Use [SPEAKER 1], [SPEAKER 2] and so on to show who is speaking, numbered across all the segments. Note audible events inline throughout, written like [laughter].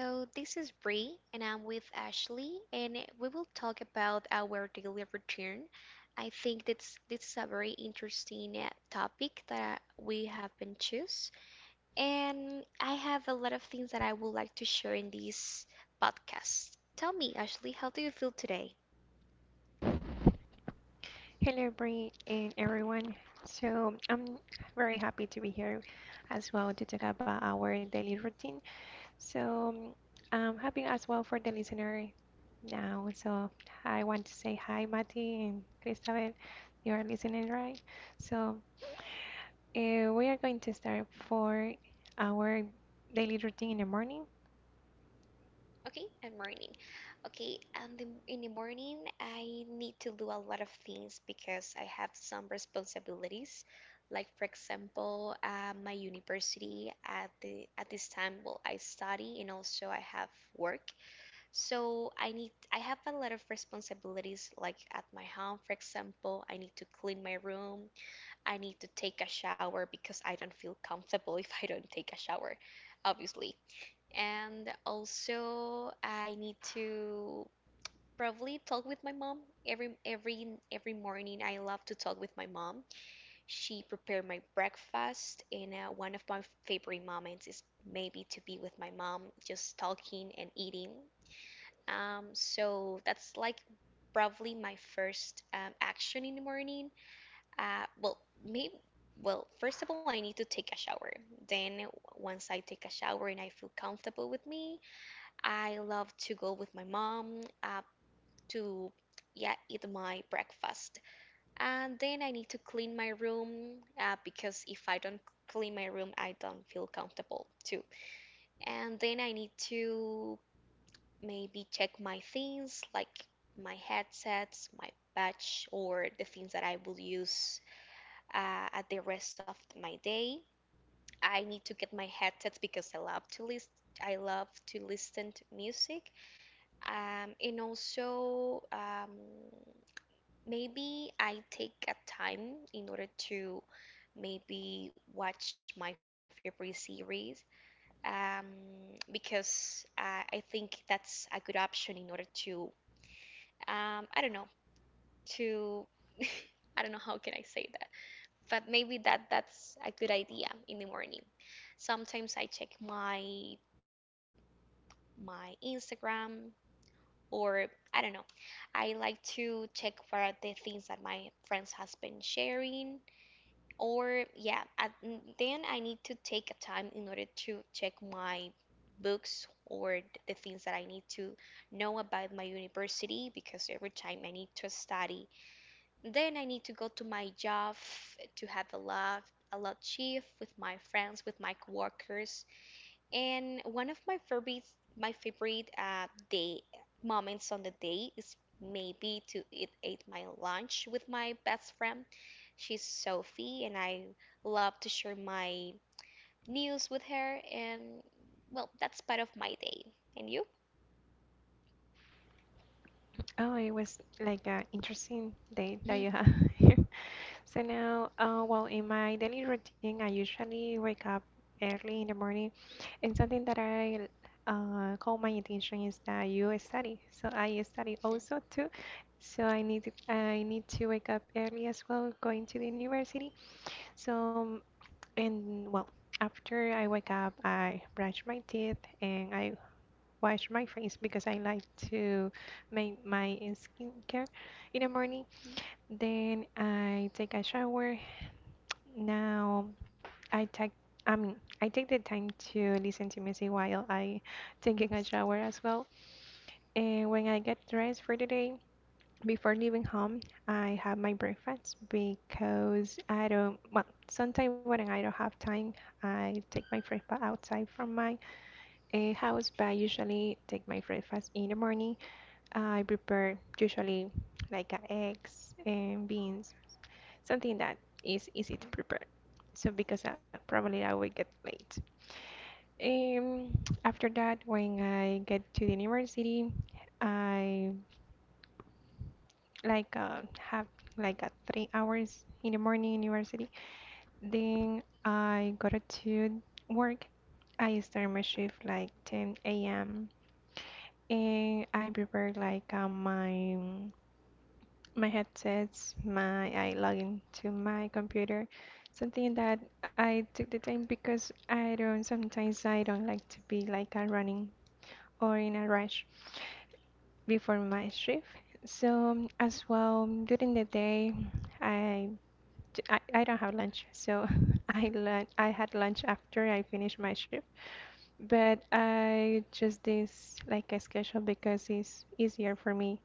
[SPEAKER 1] Hello, this is Bree, and I'm with Ashley, and we will talk about our daily routine. I think that's this is a very interesting topic that we have been choose, and I have a lot of things that I would like to share in this podcast. Tell me, Ashley, how do you feel today?
[SPEAKER 2] Hello, Bree and everyone. I'm very happy to be here as well to talk about our daily routine. So I'm happy as well for the listener now. So I want to say hi, Mati and Christabel. You are listening, right? So we are going to start for our daily routine in the morning.
[SPEAKER 1] Okay, and morning. Okay, and the, in the morning, I need to do a lot of things because I have some responsibilities. Like for example, my university at this time, well, I study and also I have work. So I have a lot of responsibilities. Like at my home, for example, I need to clean my room. I need to take a shower because I don't feel comfortable [laughs] if I don't take a shower, obviously, and also I need to probably talk with my mom every morning. I love to talk with my mom. She prepared my breakfast, and one of my favorite moments is maybe to be with my mom, just talking and eating. So that's like probably my first action in the morning. Well, maybe. Well, first of all, I need to take a shower. Then, once I take a shower and I feel comfortable with me, I love to go with my mom to, yeah, eat my breakfast, and then I need to clean my room, because if I don't clean my room, I don't feel comfortable too. And then I need to maybe check my things, like my headsets, my patch, or the things that I will use at the rest of my day. I need to get my headsets because I love to list. I love to listen to music. And also, maybe I take a time in order to maybe watch my favorite series. Um, because I think that's a good option in order to, I don't know, to, [laughs] I don't know how can I say that, but maybe that's a good idea in the morning. Sometimes I check my Instagram, or I don't know. I like to check for the things that my friends has been sharing, or yeah, then I need to take a time in order to check my books or the things that I need to know about my university because every time I need to study. Then I need to go to my job, to have a laugh, a lot shift with my friends, with my coworkers. And one of my favorite day moments on the day is maybe to eat my lunch with my best friend. She's Sophie, and I love to share my news with her. And well, that's part of my day. And you?
[SPEAKER 2] Oh, it was like an interesting day that you
[SPEAKER 1] Mhm.
[SPEAKER 2] have. [laughs] here. So now, in my daily routine, I usually wake up early in the morning, and something that I call my attention is that you study. So I study also too. So I need to wake up early as well, going to the university. So um, and well, After I wake up, I brush my teeth and I wash my face because I like to make my skincare in the morning.
[SPEAKER 1] Mm.
[SPEAKER 2] Then I take a shower now, I take I mean I take the time to listen to music while I taking a shower as well. And when I get dressed for the day, before leaving home, I have my breakfast because I don't well sometimes when I don't have time, I take my breakfast outside from my house. But I usually take my breakfast in the morning. I prepare usually like eggs and beans something that is easy to prepare. So because probably I will get late. Um, After that, when I get to the university, I like have like a 3 hours in the morning university. Then I go to work. I start my shift like 10 a.m. and I prepare like my my headsets, my I log into my computer, something that I took the time because I don't sometimes I don't like to be like a running or in a rush before my shift. So as well during the day, I I don't have lunch, so [laughs] I had lunch after I finished my shift. But I just this like a schedule because it's easier for me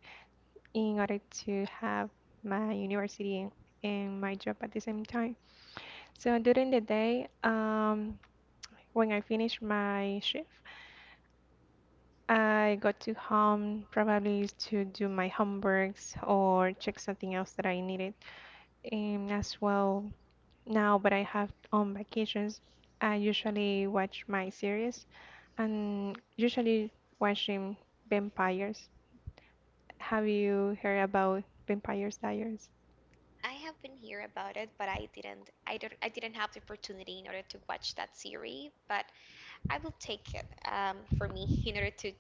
[SPEAKER 2] in order to have my university and my job at the same time. So during the day, when I finish my shift, I got to home probably to do my homeworks or check something else that I needed. And as well, now but I have on vacations, I usually watch my series and usually watching vampires. Have you heard about Vampires Diaries?
[SPEAKER 1] I have been here about it, but I didn't. I don't. I didn't have the opportunity in order to watch that series, but I will take it, for me [laughs] in order to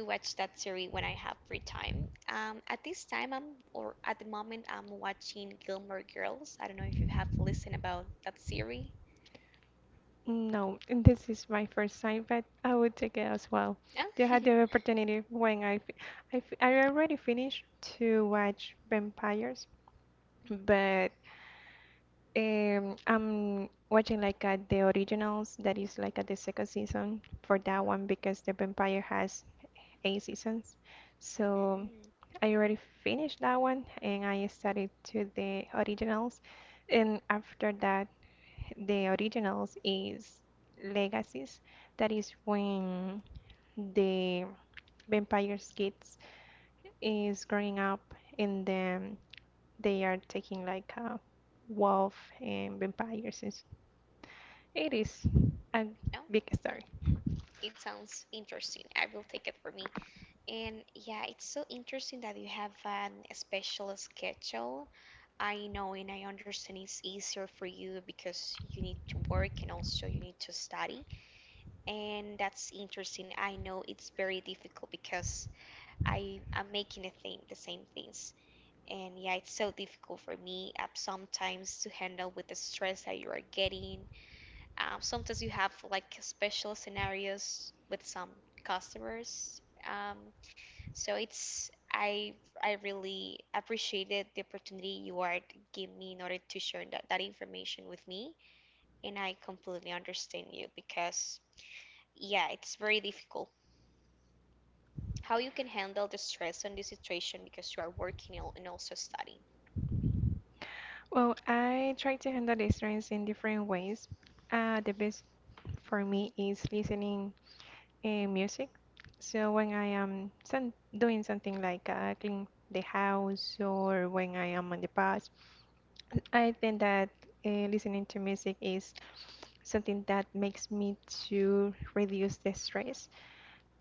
[SPEAKER 1] to watch that series when I have free time. At this time, I'm or at the moment, I'm watching Gilmore Girls. I don't know if you have listened about that series.
[SPEAKER 2] No, and this is my first time, but I would take it as well.
[SPEAKER 1] No.
[SPEAKER 2] They had
[SPEAKER 1] [laughs]
[SPEAKER 2] the opportunity when I already finished to watch Vampires, but I'm watching like the originals that is like at the second season for that one because the Vampire has 8 seasons. So
[SPEAKER 1] Mm,
[SPEAKER 2] I already finished that one and I started to the originals, and after that the originals is Legacies. That is when the vampire's kids is growing up and then they are taking like a wolf and vampires. It is a
[SPEAKER 1] no.
[SPEAKER 2] big story.
[SPEAKER 1] [laughs] It sounds interesting. I will take it for me. And yeah, it's so interesting that you have an special schedule. I know and I understand it's easier for you because you need to work and also you need to study. And that's interesting. I know it's very difficult because I am making the same things. And yeah, it's so difficult for me, sometimes to handle with the stress that you are getting. Sometimes you have like special scenarios with some customers. So it's I really appreciated the opportunity you are to give me in order to share that information with me, and I completely understand you because yeah, it's very difficult. How you can handle the stress on this situation because you are working, and also studying.
[SPEAKER 2] Well, I try to handle the stress in different ways. The best for me is listening music. So when I am some, doing something like clean the house or when I am on the bus, I think that listening to music is something that makes me to reduce the stress.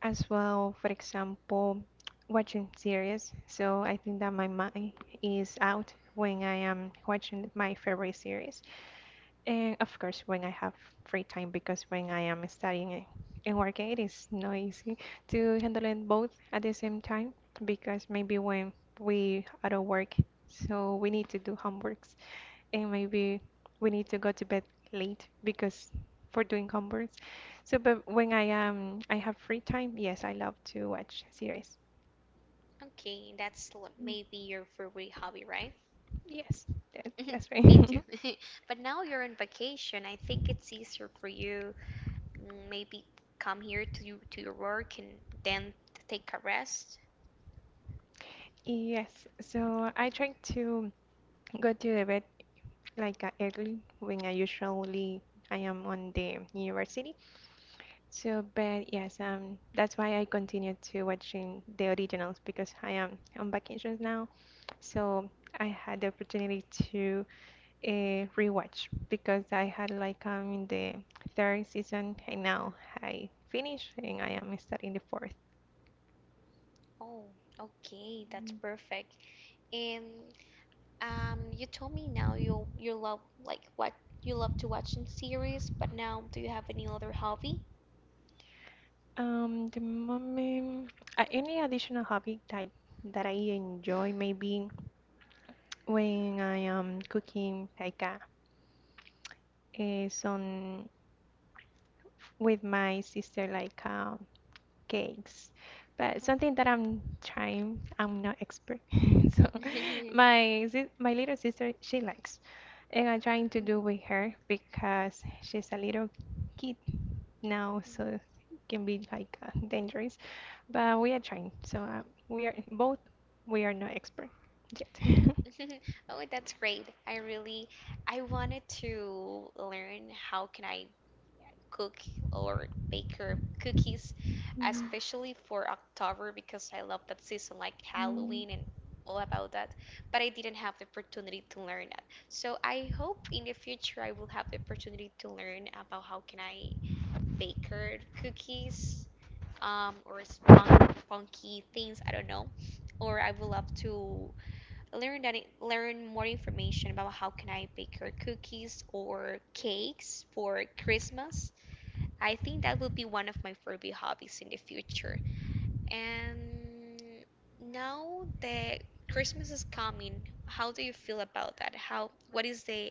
[SPEAKER 2] As well, for example, watching series. So I think that my mind is out when I am watching my favorite series. And of course, when I have free time, because when I am studying and working, it is not easy to handle it both at the same time, because maybe when we are at work, so we need to do homeworks and maybe we need to go to bed late because for doing homeworks. So, but when I am I have free time, yes, I love to watch series.
[SPEAKER 1] Okay, that's l-
[SPEAKER 2] Mm,
[SPEAKER 1] maybe your favorite hobby, right?
[SPEAKER 2] yes,
[SPEAKER 1] [laughs]
[SPEAKER 2] that's right.
[SPEAKER 1] Me
[SPEAKER 2] [laughs]
[SPEAKER 1] too. [laughs] But now you're on vacation. I think it's easier for you, maybe come here to your work and then take a rest.
[SPEAKER 2] Yes, so I try to go to the bed like early when I usually I am on the university. So, but yes, that's why I continue to watching the originals because I am on vacations now. So I had the opportunity to a rewatch because I had like I'm in the third season and now I finished and I am starting the fourth.
[SPEAKER 1] Oh, okay, that's perfect. And you told me now you love like what you love to watch in series, but now do you have any other hobby?
[SPEAKER 2] The moment, any additional hobby that I enjoy maybe when I am cooking like some with my sister like cakes, but
[SPEAKER 1] Um.
[SPEAKER 2] something that I'm trying, I'm not expert. [laughs] So
[SPEAKER 1] [laughs] [laughs]
[SPEAKER 2] my little sister, she likes, and I'm trying to do with her because she's a little kid now, so it can be like dangerous. But we are trying, so we are both we are not expert yet.
[SPEAKER 1] Oh, that's great. I wanted to learn how can I cook or bake her cookies,
[SPEAKER 2] [laughs]
[SPEAKER 1] especially for October because I love that season like
[SPEAKER 2] Mm.
[SPEAKER 1] Halloween and all about that. But I didn't have the opportunity to learn that. So I hope in the future I will have the opportunity to learn about how can I bake her cookies, or funky things. I don't know. Or I would love to learn that learn more information about how can I bake her cookies or cakes for Christmas. I think that will be one of my favorite hobbies in the future. And now that Christmas is coming, how do you feel about that? How what is the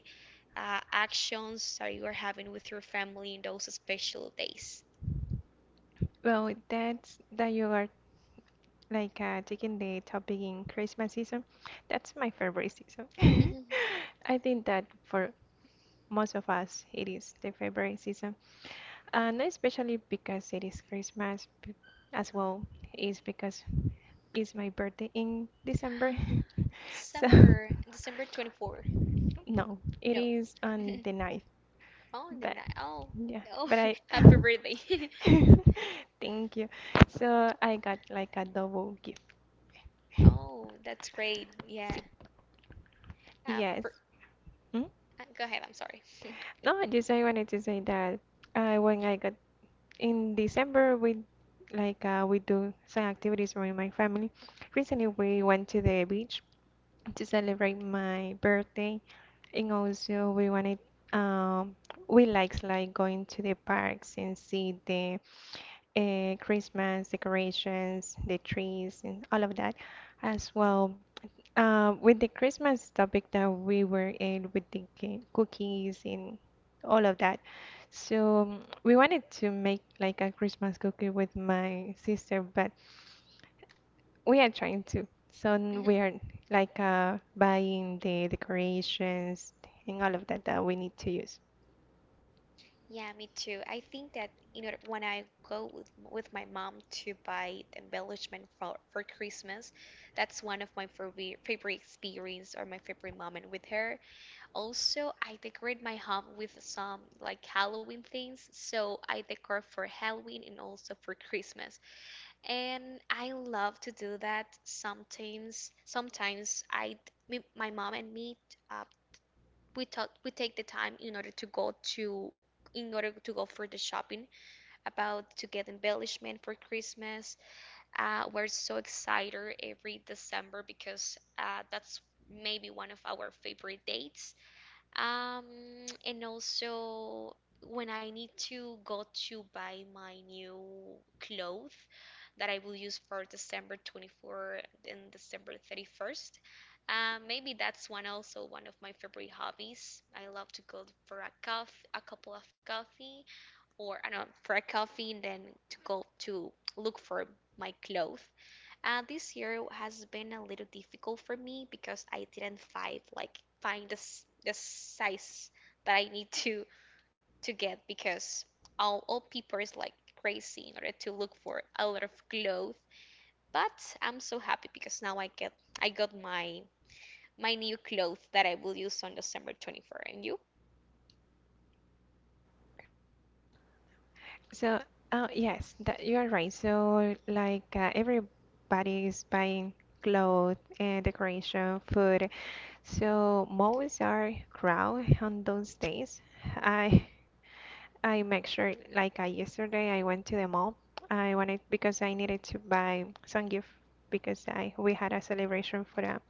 [SPEAKER 1] actions that you are having with your family in those special days?
[SPEAKER 2] Well, that's that you are like taking the topic in Christmas season, that's my favorite season. [laughs] I think that for most of us, it is the favorite season, and especially because it is as well, is because it's my birthday in December. [laughs]
[SPEAKER 1] [laughs]
[SPEAKER 2] So
[SPEAKER 1] December 24.
[SPEAKER 2] no, it
[SPEAKER 1] No. [laughs]
[SPEAKER 2] is on the ninth.
[SPEAKER 1] Oh, the
[SPEAKER 2] But
[SPEAKER 1] night. Oh,
[SPEAKER 2] yeah,
[SPEAKER 1] oh,
[SPEAKER 2] but I.
[SPEAKER 1] [laughs] happy birthday.
[SPEAKER 2] [laughs]
[SPEAKER 1] [laughs]
[SPEAKER 2] [laughs] Thank you. So I got like a double gift.
[SPEAKER 1] Oh, that's great.
[SPEAKER 2] Sí.
[SPEAKER 1] Yeah. Uh,
[SPEAKER 2] Yes.
[SPEAKER 1] for,
[SPEAKER 2] Hmm?
[SPEAKER 1] go ahead. I'm sorry. [laughs]
[SPEAKER 2] No, just I wanted to say that when I got in December, we like we do some activities with my family. Recently, we went to the beach to celebrate my birthday, and also we wanted um, we likes like going to the parks and see the Christmas decorations, the trees, and all of that, as well with the Christmas topic that we were in, with the cookies and all of that, so we wanted to make like a Christmas cookie with my sister, but we are trying to. So
[SPEAKER 1] Mhm.
[SPEAKER 2] we are like buying the decorations and all of that that we need to use.
[SPEAKER 1] Yeah, me too. I think that when I go with my mom to buy the embellishment for Christmas, that's one of my favorite experience or my favorite moment with her. Also, I decorate my home with some like Halloween things. So I decor for Halloween and also for Christmas. And I love to do that sometimes. Sometimes my mom and me, uh, we take the time in order to go to in order to go for the shopping, about to get embellishment for Christmas. Uh, we're so excited every December because, that's maybe one of our favorite dates, um, and also when I need to go to buy my new clothes that I will use for December 24th and December 31st. Maybe that's one of my favorite hobbies. I love to go for a coffee, a couple of coffee, or I don't know, for a coffee and then to go to look for my clothes. This year has been a little difficult for me because I didn't find the size that I need to get because all people is like crazy in order to look for a lot of clothes. But I'm so happy because now I got my new clothes that I will use on December 24th. And you?
[SPEAKER 2] So, oh yes, that you are right. So like everybody is buying clothes and decoration, food. So malls are crowded on those days. I I make sure like I yesterday I went to the mall. I wanted because I needed to buy some gift because I we had a celebration for a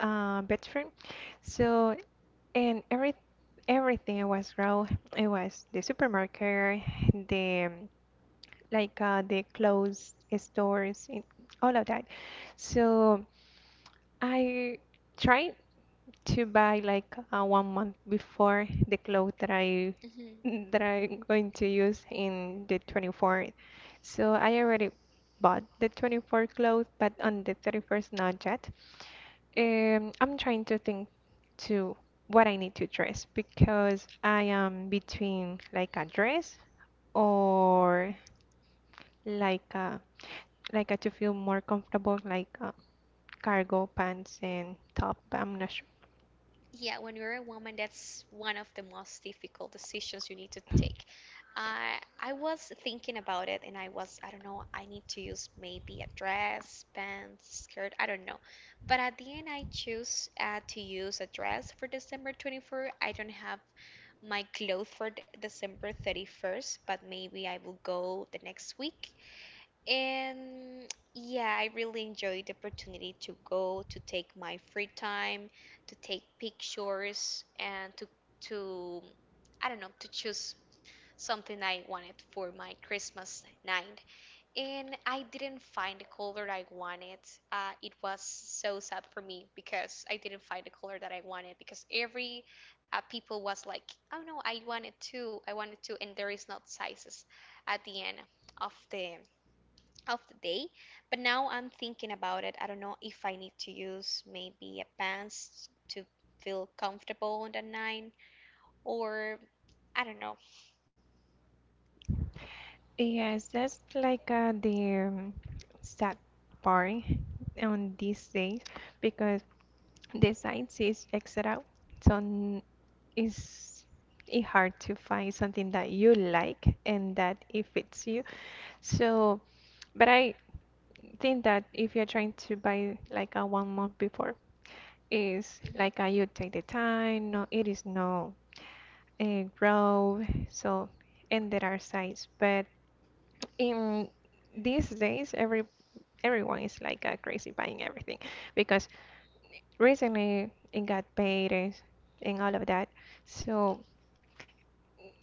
[SPEAKER 2] best friend. So and everything was crowded. It was the supermarket, the like the clothes stores, and all of that. So I tried to buy like 1 month before the clothes
[SPEAKER 1] Hmm.
[SPEAKER 2] that I'm going to use in the 24th. So I already bought the 24th clothes, but on the 31st not yet. I'm trying to think to what I need to dress because I am between like a dress or like a like a, to feel more comfortable like a cargo pants and top. I'm not sure.
[SPEAKER 1] Yeah, when you're a woman, that's one of the most difficult decisions you need to take. I was thinking about it, and I was, I don't know, I need to use maybe a dress, pants, skirt, I don't know. But at the end, I choose, to use a dress for December 24. I don't have my clothes for December 31st, but maybe I will go the next week. And yeah, I really enjoyed the opportunity to go, to take my free time, to take pictures, and to I don't know, to choose something I wanted for my Christmas night. And I didn't find the color I wanted. It was so sad for me because I didn't find the color that I wanted, because every people was like, oh no, I wanted to, and there is not sizes at the end of the of the day. But now I'm thinking about it. I don't know if I need to use maybe a pants to feel comfortable on the night, or I don't know.
[SPEAKER 2] Yes, that's like the sad part on these days because the sites is etc. So it's it hard to find something that you like and that it fits you. So, but I think that if you're trying to buy like a 1 month before, is
[SPEAKER 1] Mhm.
[SPEAKER 2] like you take the time. No, it is no grow. So, and there are sites, but in these days, everyone is like crazy buying everything because recently it got paid and all of that. So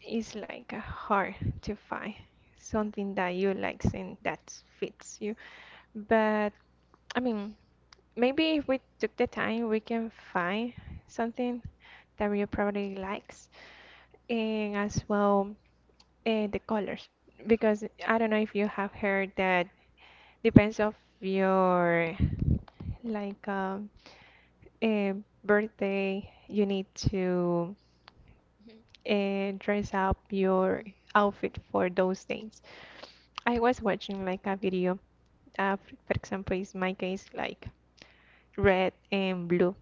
[SPEAKER 2] it's like hard to find something that you like and that fits you. But I mean, maybe if we took the time, we can find something that you probably likes and as well the colors because I don't know if you have heard that depends of your like a birthday, you need to dress up your outfit for those days. I was watching like a video of, for example, is my case like red and blue.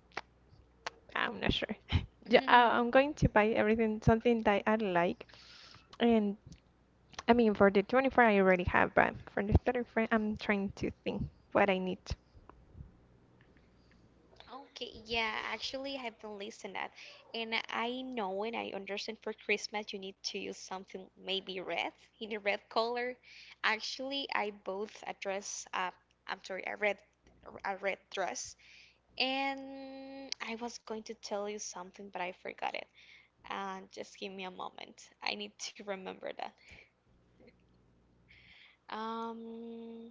[SPEAKER 2] I'm not sure. [laughs] Yeah, I'm
[SPEAKER 1] [laughs]
[SPEAKER 2] going to buy everything, something that I like. And I mean, for the 24th, I already have, but for the 31st, I'm trying to think what I need.
[SPEAKER 1] Okay, yeah, actually, I've been listening that, and I know and I understand for Christmas you need to use something maybe red, in a red color. Actually, I bought a dress. I'm sorry, a red dress, and I was going to tell you something, but I forgot it. And just give me a moment. I need to remember that. Um,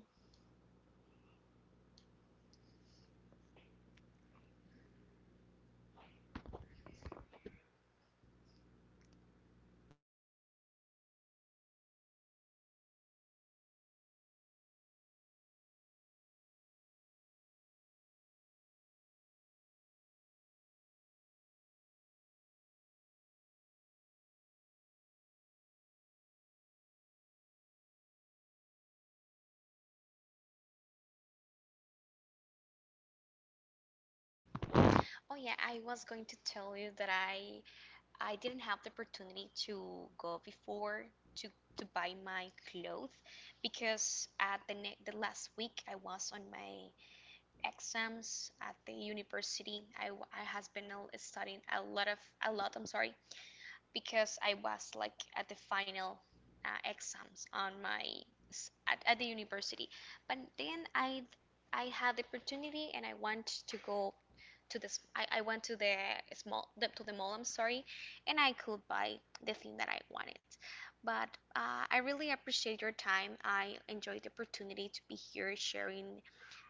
[SPEAKER 1] Oh yeah, I was going to tell you that I didn't have the opportunity to go before to to buy my clothes because at the last week I was on my exams at the university. I has been studying a lot, I'm sorry, because I was like at the final, exams on my at the university. But then I had the opportunity and I want to go to this I went to the small the, to the mall, I'm sorry, and I could buy the thing that I wanted. But I really appreciate your time. I enjoyed the opportunity to be here sharing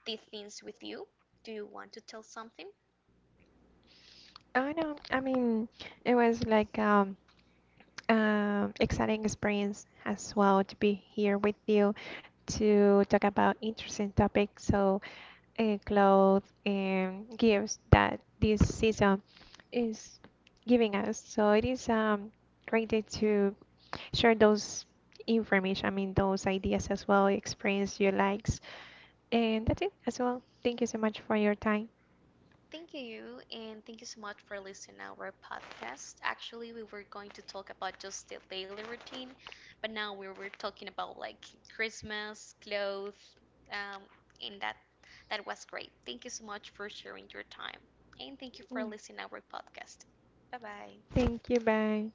[SPEAKER 1] these things with you. Do you want to tell something?
[SPEAKER 2] Oh no, I mean, it was like exciting experience as well to be here with you to talk about interesting topics. So, clothes and gifts that this season is giving us. So it is great day to share those information. I mean, those ideas as well, experience you likes, and that's it as well. Thank you so much for your time.
[SPEAKER 1] Thank you, and thank you so much for listening to our podcast. Actually, we were going to talk about just the daily routine, but now we were talking about like Christmas, clothes, um, and that was great. Thank you so much for sharing your time, and thank you for
[SPEAKER 2] Mm.
[SPEAKER 1] listening to our podcast. Bye bye.
[SPEAKER 2] Thank you. Bye.